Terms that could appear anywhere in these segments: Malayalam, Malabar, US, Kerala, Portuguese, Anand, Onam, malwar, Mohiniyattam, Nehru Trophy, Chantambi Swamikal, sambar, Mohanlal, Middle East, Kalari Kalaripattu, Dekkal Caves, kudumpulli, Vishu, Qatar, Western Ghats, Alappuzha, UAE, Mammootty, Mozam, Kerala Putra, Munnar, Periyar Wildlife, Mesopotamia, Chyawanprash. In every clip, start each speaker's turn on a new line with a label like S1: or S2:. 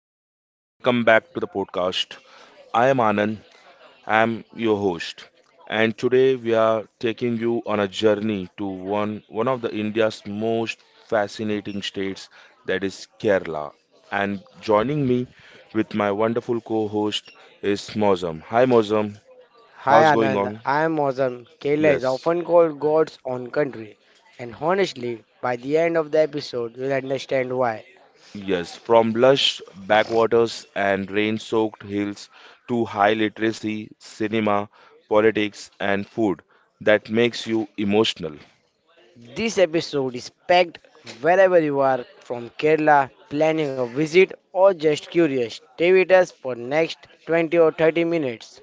S1: everyone, welcome back to the podcast. I am Anand, I am your host, and today we are taking you on a journey to one of the India's most fascinating states that is Kerala. And joining me with my wonderful co-host is Mozam. Hi Mozam,
S2: Hi
S1: how's going
S2: Anand,
S1: on?
S2: I am Ozam. Kerala is
S1: Yes.
S2: often called God's own country, and honestly, by the end of the episode, you'll understand why.
S1: Yes, from lush backwaters and rain-soaked hills to high literacy, cinema, politics, and food that makes you emotional.
S2: This episode is packed wherever you are from Kerala, planning a visit, or just curious. Stay with us for next 20 or 30 minutes.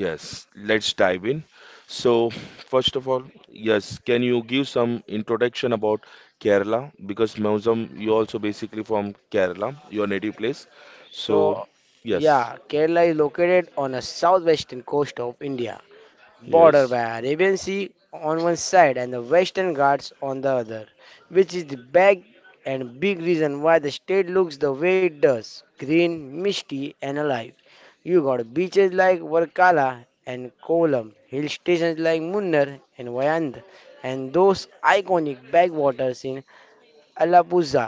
S1: Yes, let's dive in. So, first of all, yes, can you give some introduction about Kerala? Because Mausam, you also basically from Kerala, your native place. So,
S2: So,
S1: yes,
S2: yeah, Kerala is located on the southwestern coast of India, border
S1: yes,
S2: by Arabian Sea on one side and the Western Ghats on the other, which is the back and big reason why the state looks the way it does, green, misty and alive. You got beaches like Varkala and Kolam, hill stations like Munnar and Vayand, and those iconic backwaters in Alappuzha.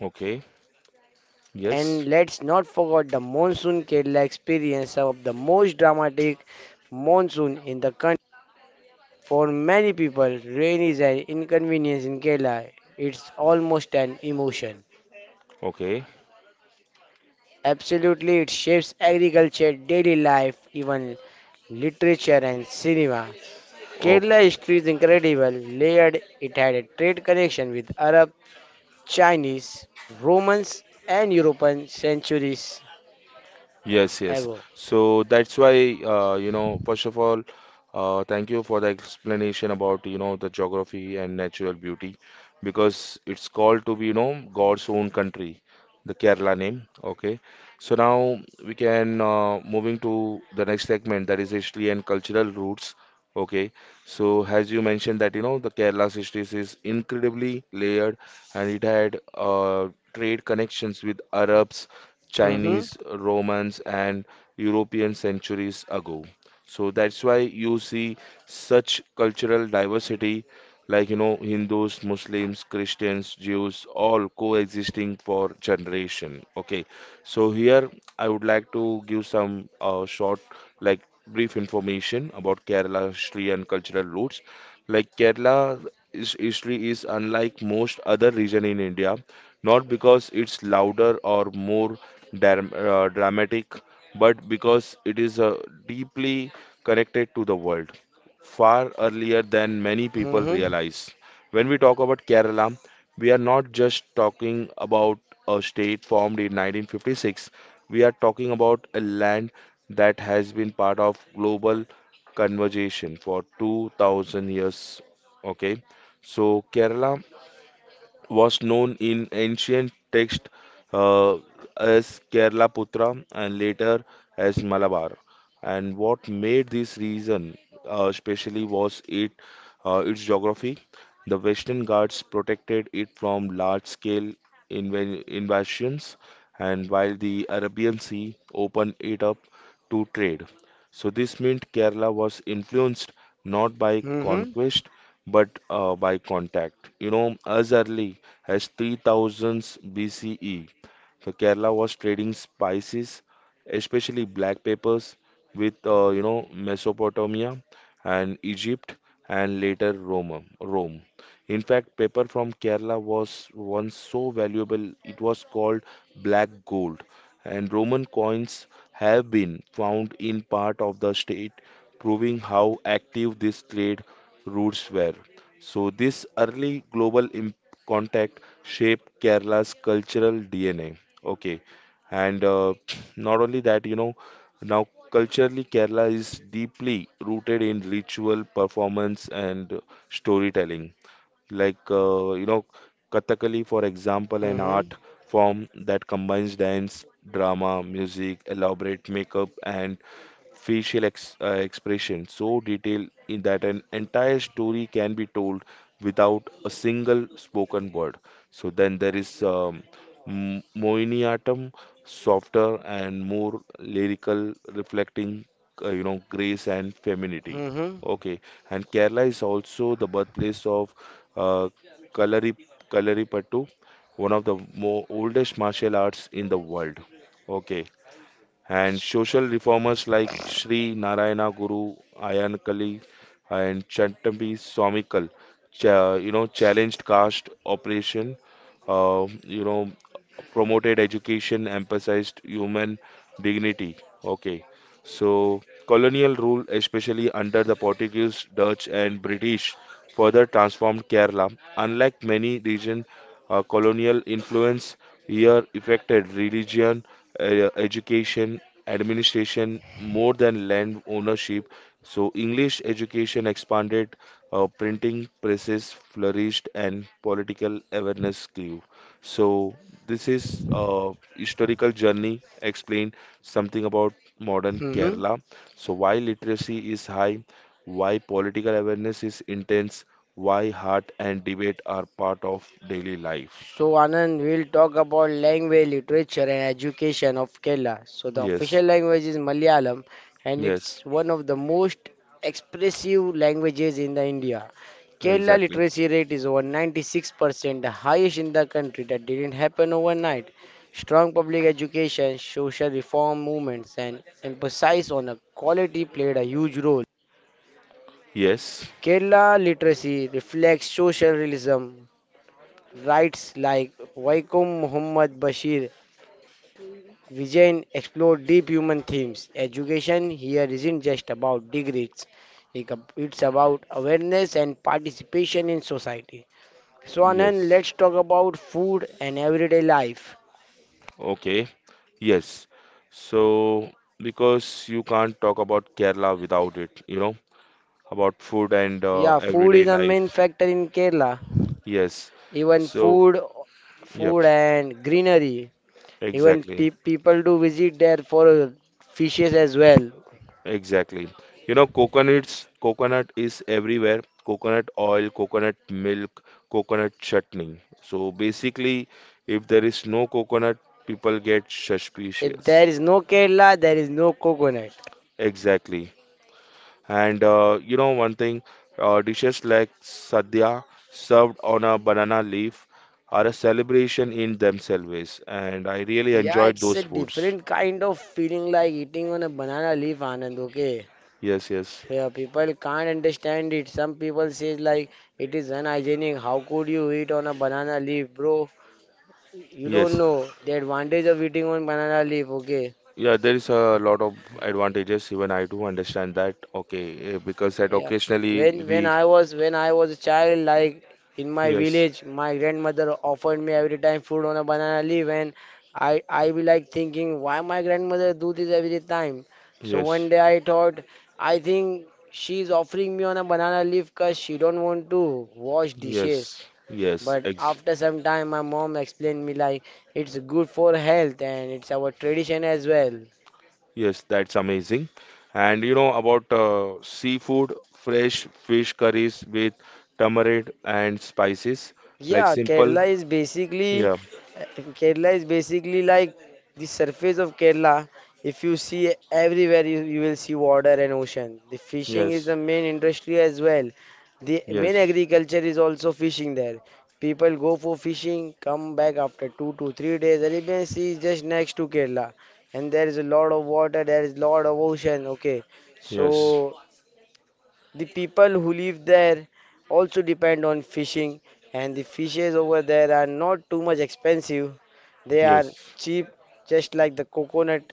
S1: okay, yes,
S2: And let's not forget the monsoon Kerala experience of the most dramatic monsoon in the country. For many people, rain is an inconvenience in Kerala. It's almost an emotion.
S1: okay.
S2: Absolutely, it shapes agriculture, daily life, even literature and cinema. Kerala history is incredible, layered. It had a trade connection with Arab, Chinese, Romans, and European centuries
S1: Yes, yes.
S2: ago.
S1: So that's why, you know, first of all, thank you for the explanation about, you know, the geography and natural beauty, because it's called to be, you know, God's own country, the Kerala name. Okay. So now we can moving to the next segment, that is history and cultural roots. Okay. So as you mentioned that, you know, the Kerala's history is incredibly layered and it had trade connections with Arabs,
S2: Hmm.
S1: Chinese, Romans, and European centuries ago. So that's why you see such cultural diversity, like you know, Hindus, Muslims, Christians, Jews all coexisting for generation. Okay, so here I would like to give some short, like, brief information about Kerala history and cultural roots. Like, Kerala history is unlike most other region in India, not because it's louder or more dramatic, but because it is deeply connected to the world far earlier than many
S2: Hmm.
S1: people
S2: Hmm.
S1: realize. When we talk about Kerala, we are not just talking about a state formed in 1956, we are talking about a land that has been part of global conversation for 2000 years. Okay, so Kerala was known in ancient texts uh, as Kerala Putra and later as Malabar. And what made this region especially was it its geography. The Western Ghats protected it from large-scale invasions, and while the Arabian Sea opened it up to trade. So this meant Kerala was influenced not by
S2: Hmm.
S1: conquest but by contact. You know, as early as 3000 BCE, so Kerala was trading spices, especially black peppers, with you know, Mesopotamia and Egypt and later Rome. Rome. In fact, paper from Kerala was once so valuable it was called black gold, and Roman coins have been found in part of the state, proving how active these trade routes were. So, this early contact shaped Kerala's cultural DNA. Okay, and not only that, you know, now culturally, Kerala is deeply rooted in ritual, performance, and storytelling, like you know, Kathakali, for example, an
S2: Hmm.
S1: art form that combines dance, drama, music, elaborate makeup, and expression so detailed in that an entire story can be told without a single spoken word. So then there is Mohiniyattam, softer and more lyrical, reflecting you know, grace and femininity.
S2: Hmm.
S1: Okay, and Kerala is also the birthplace of uh, Kalari Kalaripattu, one of the more oldest martial arts in the world. Okay, and social reformers like Sri Narayana Guru Ayanakali and Chantambi Swamikal, you know, challenged caste oppression, you know, promoted education, emphasized human dignity. Okay. So, colonial rule, especially under the Portuguese, Dutch, and British, further transformed Kerala. Unlike many regions, colonial influence here affected religion, education, administration more than land ownership. So, English education expanded, printing presses flourished, and political awareness grew. So this is a historical journey explained something about modern
S2: Hmm.
S1: Kerala. So why literacy is high, why political awareness is intense, why heart and debate are part of daily life.
S2: So, Anand, we'll talk about language, literature, and education of Kerala. So, the
S1: Yes,
S2: official language is Malayalam, and
S1: yes,
S2: it's one of the most expressive languages in the India. Kerala
S1: exactly.
S2: literacy rate is over 96%, the highest in the country. That didn't happen overnight. Strong public education, social reform movements, and emphasis on a quality played a huge role.
S1: Yes,
S2: Kerala literacy reflects social realism, writes like Waikum Muhammad Bashir Vijayan explore deep human themes. Education here isn't just about degrees, it- it's about awareness and participation in society. So, Anand,
S1: yes.
S2: let's talk about food and everyday life.
S1: Okay, yes. So because you can't talk about Kerala without it, you know, about food and
S2: Yeah, food
S1: everyday
S2: is a
S1: life.
S2: main factor in Kerala.
S1: Yes.
S2: Even
S1: So,
S2: food,
S1: yep.
S2: food and greenery. Even
S1: Exactly,
S2: people do visit there for fishes as well.
S1: exactly. You know, coconuts, coconut is everywhere. Coconut oil, coconut milk, coconut chutney. So basically, if there is no coconut, people get
S2: If there
S1: suspicious.
S2: is no Kerala, there is no coconut.
S1: Exactly. And you know one thing, dishes like sadhya served on a banana leaf are a celebration in themselves, and I really
S2: Yeah,
S1: enjoyed
S2: it's a
S1: those foods.
S2: different kind of feeling like eating on a banana leaf, Anand, okay?
S1: Yes, yes,
S2: Yeah, people can't understand it. Some people say like it is unhygienic. How could you eat on a banana leaf, bro? You
S1: yes.
S2: don't know the advantage of eating on banana leaf, okay?
S1: Yeah, there is a lot of advantages. Even I do understand that. Okay, eh, because that
S2: Yeah. When
S1: occasionally
S2: when
S1: we
S2: I was when I was a child, like in my
S1: yes,
S2: village, my grandmother offered me every time food on a banana leaf, and I be like thinking, why my grandmother do this every time? So
S1: yes,
S2: one day I thought, I think she's offering me on a banana leaf because she don't want to wash dishes.
S1: yes, yes,
S2: But
S1: ex
S2: after some time, my mom explained me like it's good for health and it's our tradition as well.
S1: yes. That's amazing. And you know about seafood, fresh fish curries with tamarind and spices, like
S2: Yeah,
S1: simple.
S2: Kerala is basically
S1: Yeah.
S2: Kerala is basically like the surface of Kerala. If you see everywhere, you will see water and ocean. The fishing is
S1: Yes.
S2: the main industry as well. The main
S1: Yes.
S2: agriculture is also fishing there. People go for fishing, come back after 2 to 3 days. Arabian Sea is just next to Kerala, and there is a lot of water. There is a lot of ocean. Okay, so
S1: Yes.
S2: the people who live there also depend on fishing, and the fishes over there are not too much expensive. They are
S1: Yes.
S2: cheap, just like the coconut.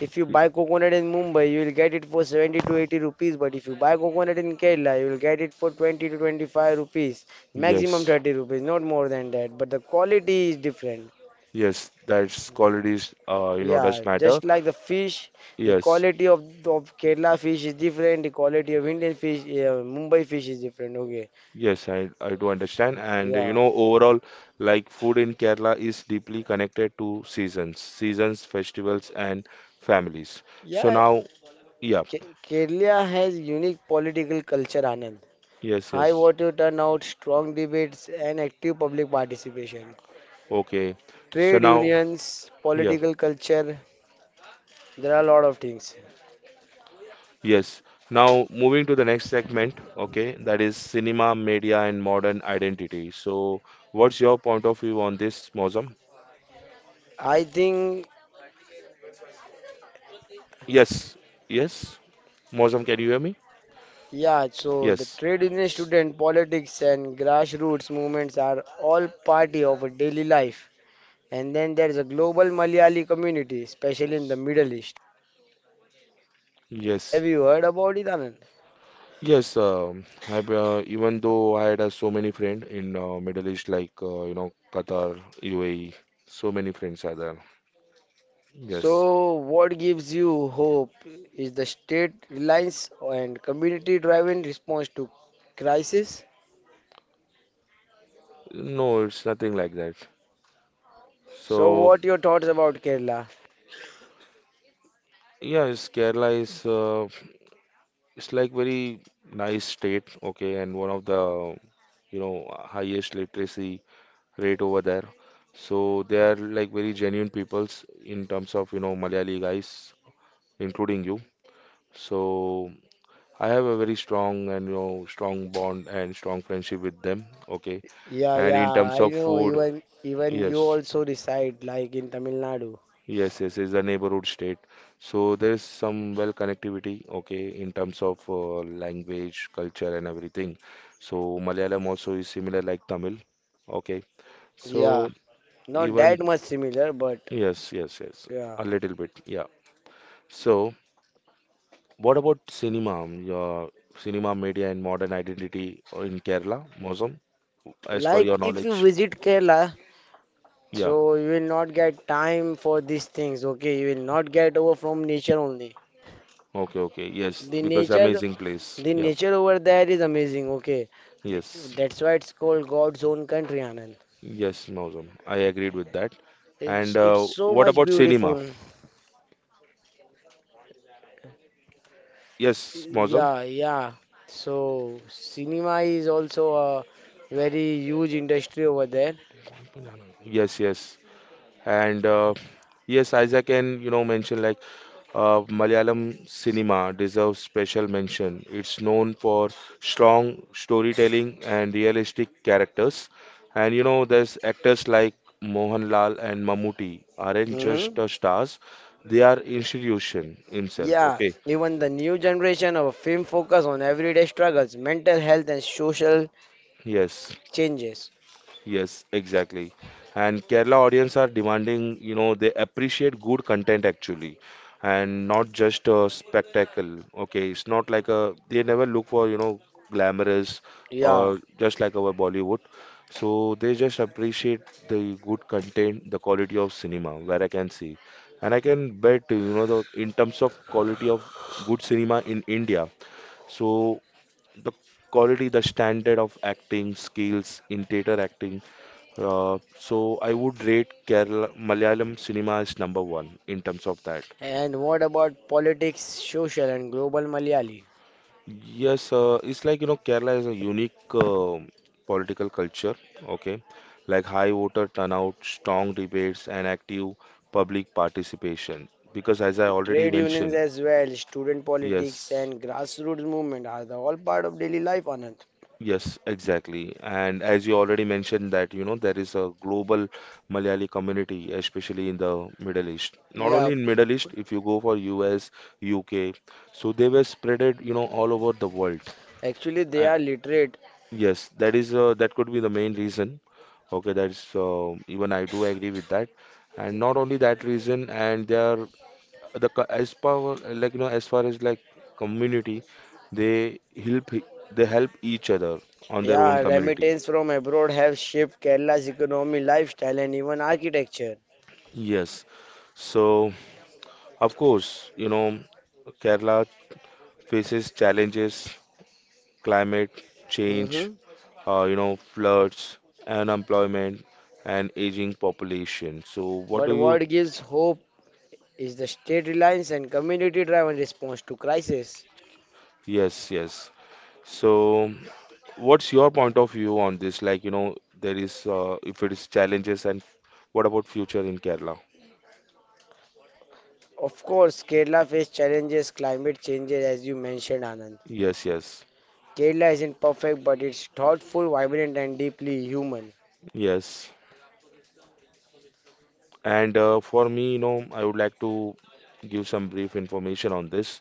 S2: If you buy coconut in Mumbai, you will get it for 70 to 80 rupees. But if you buy coconut in Kerala, you will get it for 20 to 25 rupees, maximum
S1: Yes.
S2: 30 rupees, not more than that. But the quality is different.
S1: Yes. That's qualities. You know,
S2: Yeah,
S1: does matter.
S2: just like the fish, the
S1: Yes.
S2: quality of Kerala fish is different, the quality of Indian fish, Mumbai fish is different. Okay.
S1: Yes, I do understand. And you
S2: Yeah.
S1: know, overall, like food in Kerala is deeply connected to seasons, seasons, festivals, and families. So
S2: Yeah.
S1: now, yeah,
S2: Kerala has unique political culture, Anand.
S1: yes,
S2: High
S1: yes.
S2: voter turnout, strong debates, and active public participation.
S1: Okay. So
S2: Trade
S1: now,
S2: unions,
S1: yeah,
S2: political culture, there are a lot of things.
S1: yes. Now, moving to the next segment, okay, that is cinema, media, and modern identity. So, what's your point of view on this, Mozam?
S2: I think,
S1: Yes, yes. Mozam, can you hear me?
S2: yeah, so the
S1: Yes,
S2: trade union student, politics, and grassroots movements are all party of a daily life. And then there's a global Malayali community, especially in the Middle East. Have
S1: yes.
S2: you heard about it, Anand?
S1: Yes, I, even though I had so many friends in Middle East, like you know, Qatar, UAE, so many friends are there. Yes,
S2: So, what gives you hope is the state reliance and community-driven response to crisis.
S1: no, it's nothing like that.
S2: So,
S1: So
S2: what your thoughts about Kerala?
S1: yes, Kerala is it's like very nice state, okay, and one of the you know highest literacy rate over there. So they are like very genuine peoples in terms of you know Malayali guys, including you. So I have a very strong and you know strong bond and strong friendship with them. Okay,
S2: Yeah,
S1: and
S2: yeah,
S1: in terms
S2: I
S1: of
S2: know.
S1: food,
S2: Even you
S1: yes,
S2: also reside like in Tamil Nadu.
S1: yes, yes, it's a neighborhood state, so there is some well connectivity. Okay, in terms of language, culture, and everything. So Malayalam also is similar like Tamil. Okay,
S2: Yeah,
S1: so
S2: not that
S1: even
S2: much similar, but
S1: yes, yes, yes,
S2: yeah.
S1: a little bit, yeah. So what about cinema? Your cinema, media, and modern identity in Kerala, Mosam? As per your
S2: Like if you
S1: knowledge.
S2: visit Kerala,
S1: Yeah.
S2: so you will not get time for these things. Okay, you will not get over from nature only.
S1: Okay, okay. Yes,
S2: The
S1: because
S2: nature,
S1: amazing place.
S2: the
S1: Yeah.
S2: nature over there is amazing. Okay, The-
S1: Yes.
S2: that's why it's called God's own country, Anand.
S1: Yes, Mozam. I agreed with that. And
S2: It's so
S1: what
S2: much
S1: about cinema?
S2: beautiful.
S1: Yes, Mozam.
S2: Yeah, yeah. So cinema is also a very huge industry over there.
S1: Yes, yes. And yes, Isaac can, you know, mention like Malayalam cinema deserves special mention. It's known for strong storytelling and realistic characters. And you know, there's actors like Mohanlal and Mammootty aren't just
S2: Hmm.
S1: the stars, they are institution himself.
S2: Yeah,
S1: Okay,
S2: even the new generation of film focus on everyday struggles, mental health and social
S1: yes.
S2: changes.
S1: Yes, exactly. And Kerala audience are demanding, you know, they appreciate good content actually, and not just a spectacle. Okay, it's not like a they never look for, you know, glamorous
S2: Yeah.
S1: or just like our Bollywood. So they just appreciate the good content, the quality of cinema, where I can see. And I can bet, you know, the in terms of quality of good cinema in India. So the quality, the standard of acting skills in theater acting. So I would rate Kerala Malayalam cinema as number one in terms of that.
S2: And what about politics, social and global Malayali?
S1: Yes, it's like you know Kerala is a unique political culture. Okay, like high voter turnout, strong debates, and active public participation. Because as I already
S2: Trade unions
S1: mentioned,
S2: as well, student politics
S1: yes.
S2: and grassroots movement are the all part of daily life, Anand.
S1: Yes, exactly. And as you already mentioned that, you know, there is a global Malayali community, especially in the Middle East. Not
S2: Yeah,
S1: only in Middle East, if you go for US, UK, so they were spreaded, you know, all over the world.
S2: actually, they
S1: Uh,
S2: are literate.
S1: yes, that is that could be the main reason. Okay, that's even I do agree with that. And not only that reason, and they are as power, like you know, as far as like community, they help they help each other on their own
S2: Yeah,
S1: community.
S2: remittance from abroad have shaped Kerala's economy, lifestyle, and even architecture.
S1: Yes. So, of course, you know, Kerala faces challenges, climate change,
S2: Hmm.
S1: you know, floods, unemployment, and aging population. So, what
S2: But
S1: do you?
S2: what gives hope is the state reliance and community-driven response to crisis.
S1: Yes, yes. So, what's your point of view on this? Like, you know, there is if it is challenges, and what about future in Kerala?
S2: Of course, Kerala faces challenges, climate changes, as you mentioned, Anand.
S1: Yes, yes,
S2: Kerala isn't perfect, but it's thoughtful, vibrant, and deeply human.
S1: yes. And for me, you know, I would like to give some brief information on this.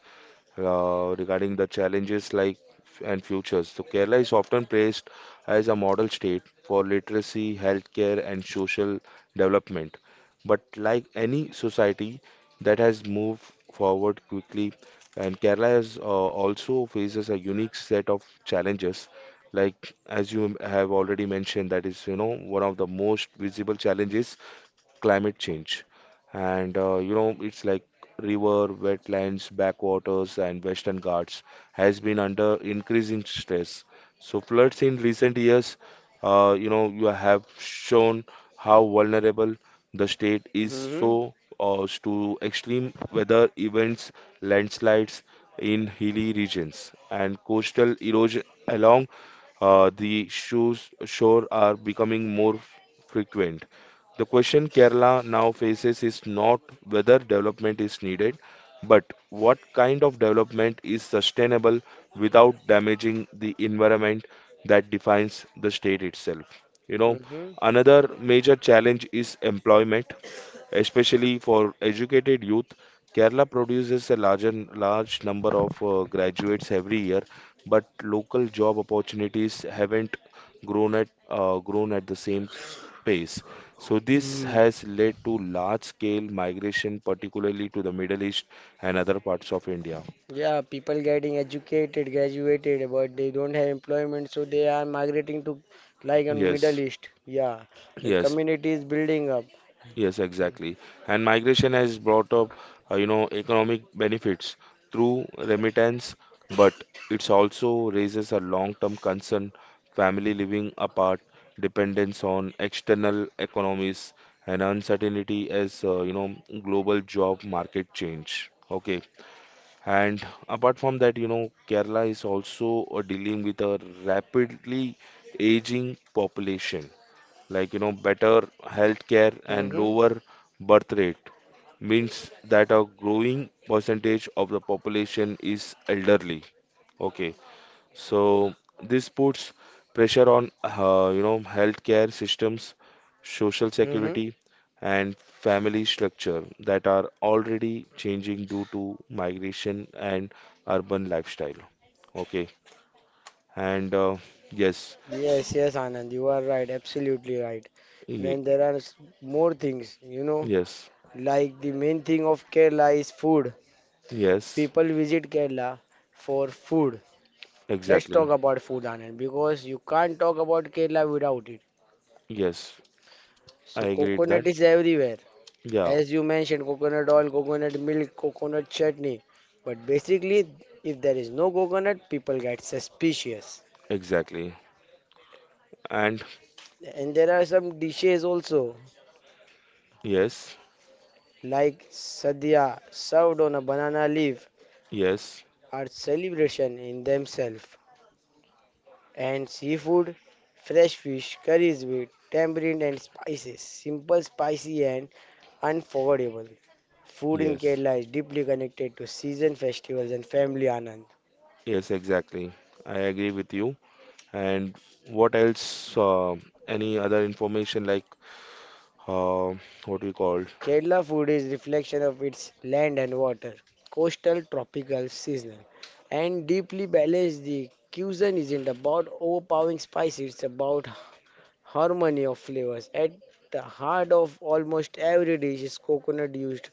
S1: Regarding the challenges like and futures. So Kerala is often praised as a model state for literacy, healthcare, and social development. But like any society that has moved forward quickly, and Kerala has, also faces a unique set of challenges. Like as you have already mentioned, that is you know one of the most visible challenges climate change. And you know, it's like river, wetlands, backwaters, and Western Ghats has been under increasing stress. So floods in recent years, you know, you have shown how vulnerable the state is,
S2: Hmm.
S1: so to extreme weather events, landslides in hilly regions, and coastal erosion along the shoes shore are becoming more frequent. The question Kerala now faces is not whether development is needed, but what kind of development is sustainable without damaging the environment that defines the state itself. You know,
S2: Hmm.
S1: another major challenge is employment, especially for educated youth. Kerala produces a large number of graduates every year, but local job opportunities haven't grown at the same pace. So this
S2: Mm.
S1: has led to large-scale migration, particularly to the Middle East and other parts of India.
S2: Yeah, people getting educated, graduated, but they don't have employment, so they are migrating to like in Middle
S1: Yes,
S2: East. Yeah, the
S1: yes.
S2: community is building up.
S1: Yes, exactly. And migration has brought up, economic benefits through remittance, but it's also raises a long-term concern, family living apart, dependence on external economies, and uncertainty as, global job market change. Okay. And apart from that, you know, Kerala is also dealing with a rapidly aging population, like you know better healthcare and
S2: Mm-hmm.
S1: lower birth rate means that a growing percentage of the population is elderly. Okay, so this puts pressure on you know, healthcare systems, social
S2: Mm-hmm.
S1: security, and family structure that are already changing due to migration and urban lifestyle. Okay, and yes,
S2: Yes, yes, Anand, you are right, absolutely right.
S1: ye-
S2: Then there are more things, you know,
S1: yes,
S2: like the main thing of Kerala is food.
S1: yes,
S2: People visit Kerala for food. Let's
S1: exactly.
S2: talk about food, Anand, because you can't talk about Kerala without it.
S1: Yes, I
S2: So
S1: agreed that.
S2: coconut is everywhere.
S1: Yeah,
S2: As you mentioned, coconut oil, coconut milk, coconut chutney. But basically, if there is no coconut, people get suspicious.
S1: exactly. And
S2: And there are some dishes also,
S1: yes,
S2: like sadhya, served on a banana leaf,
S1: yes,
S2: are celebration in themselves. And seafood, fresh fish, curries with tamarind and spices, simple, spicy, and unforgettable. Food in
S1: yes,
S2: Kerala is deeply connected to season festivals and family Anand.
S1: yes, exactly. I agree with you. And what else? Any other information like uh, what we call?
S2: Kerala food is reflection of its land and water, coastal, tropical, seasonal, and deeply balanced. The cuisine isn't about overpowering spice; it's about harmony of flavors. At the heart of almost every dish is coconut used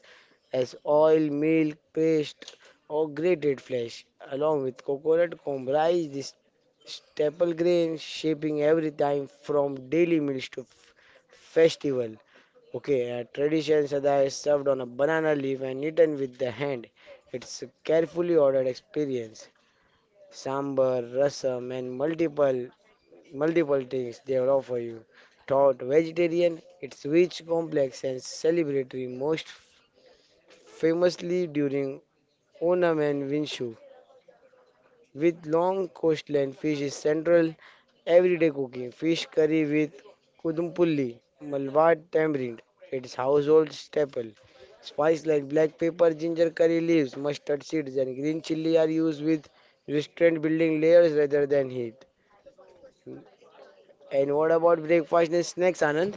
S2: as oil, milk, paste, or grated flesh. Along with coconut comprise this staple grain, shaping every time from daily meals to festival. Okay, a tradition sada is served on a banana leaf and eaten with the hand. It's a carefully ordered experience. Sambar, rasam, and multiple things they will offer you. Taught vegetarian, it's rich, complex, and celebratory, most famously during Onam and Winshu. With long coastline, fish is central everyday cooking. Fish curry with kudumpulli, malwar tamarind, it's household staple. Spice like black pepper, ginger curry leaves, mustard seeds, and green chili are used with restraint building layers rather than heat. And what about breakfast and snacks, Anand?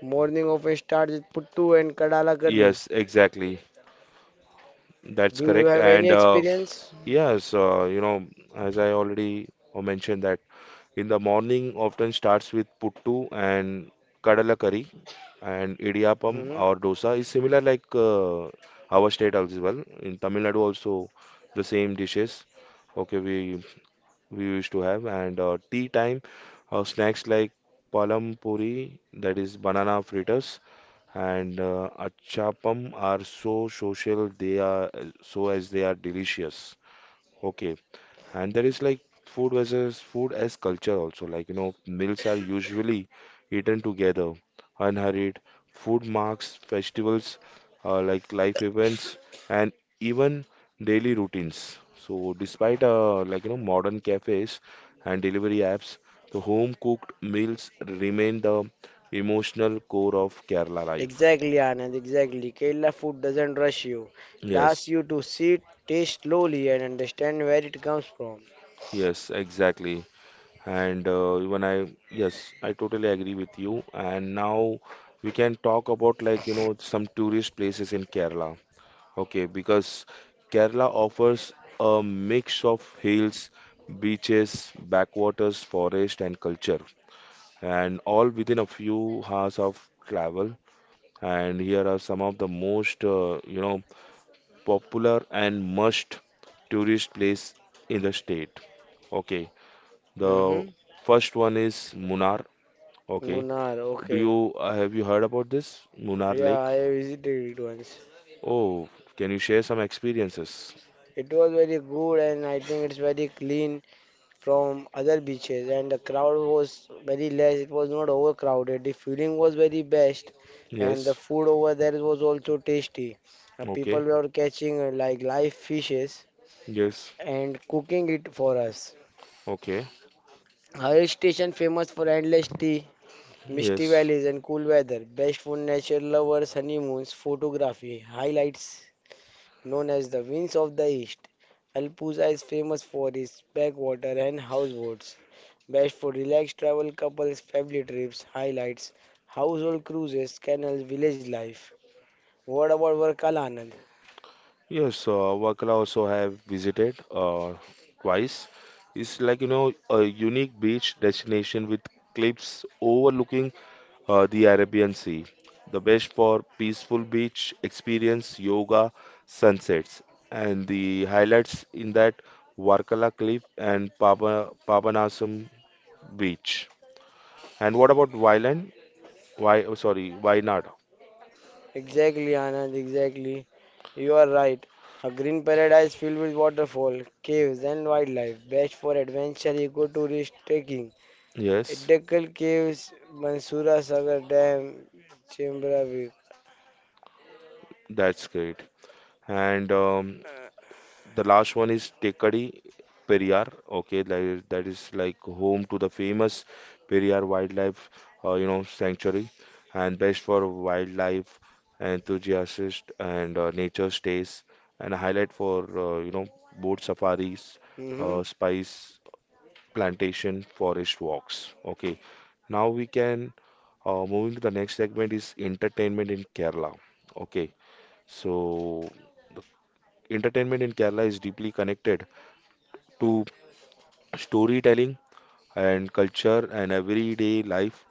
S2: Morning of a start, with puttu and kadala curry.
S1: Yes, exactly. That's
S2: Do you
S1: correct.
S2: have any
S1: And
S2: experience?
S1: yes, you know, as I already mentioned that in the morning, often starts with puttu and kadala curry, and idiyappam
S2: Hmm.
S1: or dosa is similar like our state as well. In Tamil Nadu also the same dishes. Okay, we used to have. And tea time snacks like palam puri, that is banana fritters, and achapam are so social, they are so as they are delicious. Okay. And there is like food versus food as culture also. Like, you know, meals are usually eaten together, unhurried. Food marks festivals, like life events, and even daily routines. So, despite like you know modern cafes and delivery apps, the home cooked meals remain the emotional core of Kerala life.
S2: Exactly, Anand, exactly. Kerala food doesn't rush you. It asks
S1: Yes,
S2: you to sit, taste slowly, and understand where it comes from.
S1: yes, exactly. And yes, I totally agree with you. And now we can talk about like, you know, some tourist places in Kerala. Okay, because Kerala offers a mix of hills, beaches, backwaters, forest, and culture, and all within a few hours of travel. And here are some of the most, popular and must tourist place in the state. Okay, the
S2: Mm-hmm.
S1: first one is Munnar. Okay.
S2: Munnar,
S1: Do
S2: okay.
S1: you have you heard about this Munnar
S2: Yeah,
S1: Lake?
S2: I visited it once.
S1: Oh, can you share some experiences?
S2: It was very good and I think it's very clean from other beaches, and the crowd was very less. It was not overcrowded. The feeling was very best, and the
S1: Yes.
S2: food over there was also tasty. People
S1: Okay.
S2: were catching like live fishes
S1: Yes.
S2: and cooking it for us.
S1: Okay.
S2: Hill station famous for endless tea, misty
S1: Yes.
S2: valleys and cool weather, best for nature lovers, honeymoons, photography highlights. Known as the Winds of the East, Alpuza is famous for its backwater and houseboats, best for relaxed travel, couples, family trips, highlights, household cruises, canals, village life. What about Varkala, Anand?
S1: Yes. Wakala also I have visited twice. It's like you know a unique beach destination with cliffs overlooking the Arabian Sea. The best for peaceful beach experience, yoga, sunsets, and the highlights in that Varkala Cliff and Papanasam Beach. And what about Wayland? Why? Oh, sorry, Wayanad.
S2: Exactly, Anand, exactly. You are right. A green paradise filled with waterfall, caves, and wildlife, best for adventure, ecotourist, trekking.
S1: Yes,
S2: Dekkal Caves, Mansura Sagar Dam, Chembra View.
S1: that's great. And the last one is Tekadi Periyar. Okay, that is like home to the famous Periyar Wildlife, sanctuary, and best for wildlife enthusiasts and nature stays, and a highlight for boat safaris,
S2: Hmm.
S1: spice plantation, forest walks. Okay, now we can moving to the next segment is entertainment in Kerala. Okay, so entertainment in Kerala is deeply connected to storytelling and culture and everyday life.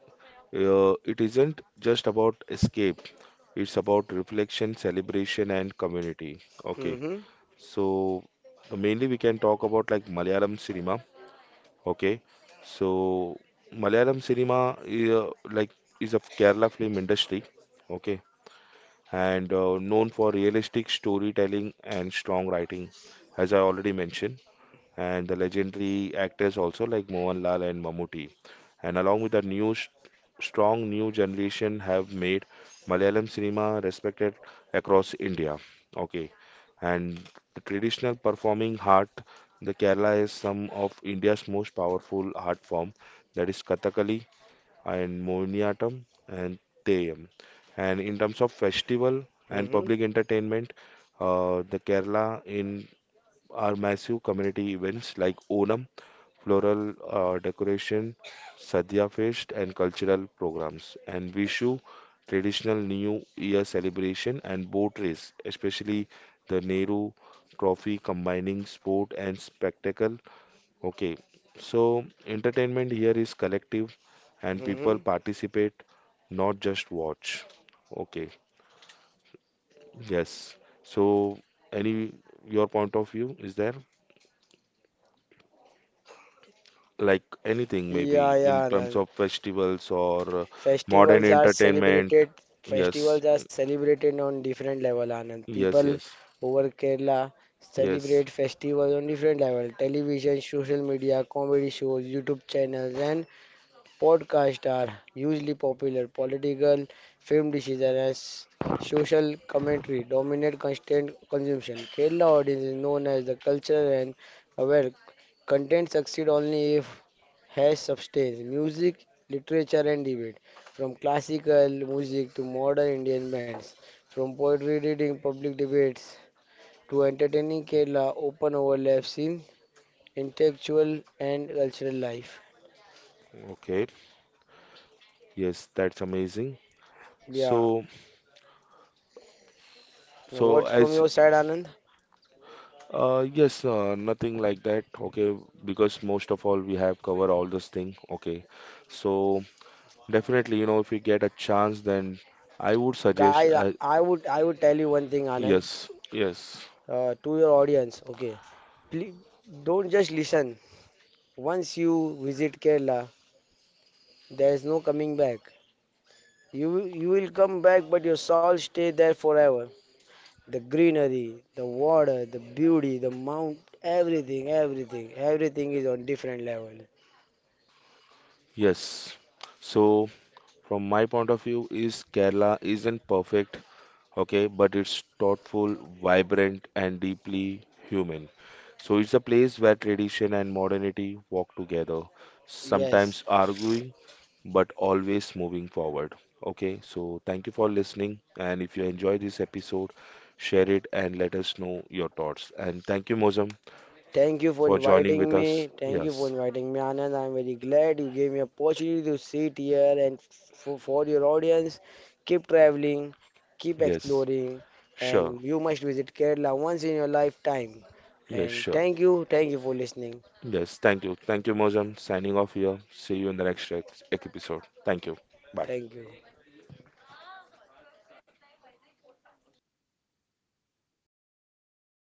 S1: It isn't just about escape, it's about reflection, celebration, and community. Okay,
S2: Mhm.
S1: so mainly we can talk about like Malayalam cinema. Okay, so Malayalam cinema is of Kerala film industry. Okay, and known for realistic storytelling and strong writing, as I already mentioned, and the legendary actors also like Mohanlal and Mammootty. And along with the new strong new generation have made Malayalam cinema respected across India. Okay, and the traditional performing art, the Kerala is some of India's most powerful art form, that is Kathakali and Mohiniyattam and Theyam. And in terms of festival and
S2: Mhm.
S1: public entertainment, the Kerala in are massive community events like Onam, floral decoration, Sadhya Fest, and cultural programs. And Vishu, traditional New Year celebration, and boat race, especially the Nehru Trophy combining sport and spectacle. Okay, so entertainment here is collective and people
S2: Mhm.
S1: participate, not just watch. Okay, yes. So, any your point of view is there? Like anything maybe
S2: Yeah,
S1: in
S2: yeah,
S1: terms
S2: Anand.
S1: of festivals or modern
S2: Festivals are
S1: entertainment.
S2: celebrated.
S1: Yes,
S2: Festivals are celebrated on different level, Anand.
S1: yes,
S2: People
S1: yes,
S2: over Kerala
S1: yes.
S2: celebrate festivals on different level. Television, social media, comedy shows, YouTube channels, and podcasts are hugely popular. Political, film decision, and social commentary dominate constant consumption. Kerala audience is known as the cultural and aware. Content succeed only if has substance. Music, literature, and debate. From classical music to modern Indian bands, from poetry reading, public debates to entertaining Kerala, open overlaps in intellectual and cultural life.
S1: Okay, yes, that's amazing.
S2: Yeah,
S1: So, so
S2: what's from
S1: as
S2: your side, Anand?
S1: yes, nothing like that. Okay, because most of all we have covered all this thing. Okay, so definitely, you know, if you get a chance, then I would suggest.
S2: Guys, I would tell you one thing, Anand,
S1: Yes, yes,
S2: to your audience. Okay, please don't just listen. Once you visit Kerala, there is no coming back. You will come back, but your soul stay there forever. The greenery, the water, the beauty, the mount, everything, everything, everything is on different level.
S1: yes. So, from my point of view, is Kerala isn't perfect, okay, but it's thoughtful, vibrant, and deeply human. So it's a place where tradition and modernity walk together,
S2: Yes,
S1: sometimes arguing, but always moving forward. Okay, so thank you for listening. And if you enjoyed this episode, share it and let us know your thoughts. And thank you, Mozam,
S2: thank you for
S1: for joining with
S2: inviting
S1: us.
S2: me. Thank you for
S1: Yes,
S2: inviting me, Anand. I'm very glad you gave me opportunity to sit here and for your audience, keep traveling, keep
S1: yes,
S2: exploring, and
S1: sure,
S2: you must visit Kerala once in your lifetime.
S1: yes,
S2: And
S1: sure.
S2: thank you for listening.
S1: Yes, thank you. Thank you, Mozam. Signing off here. See you in the next episode. Thank you. Bye.
S2: Thank you.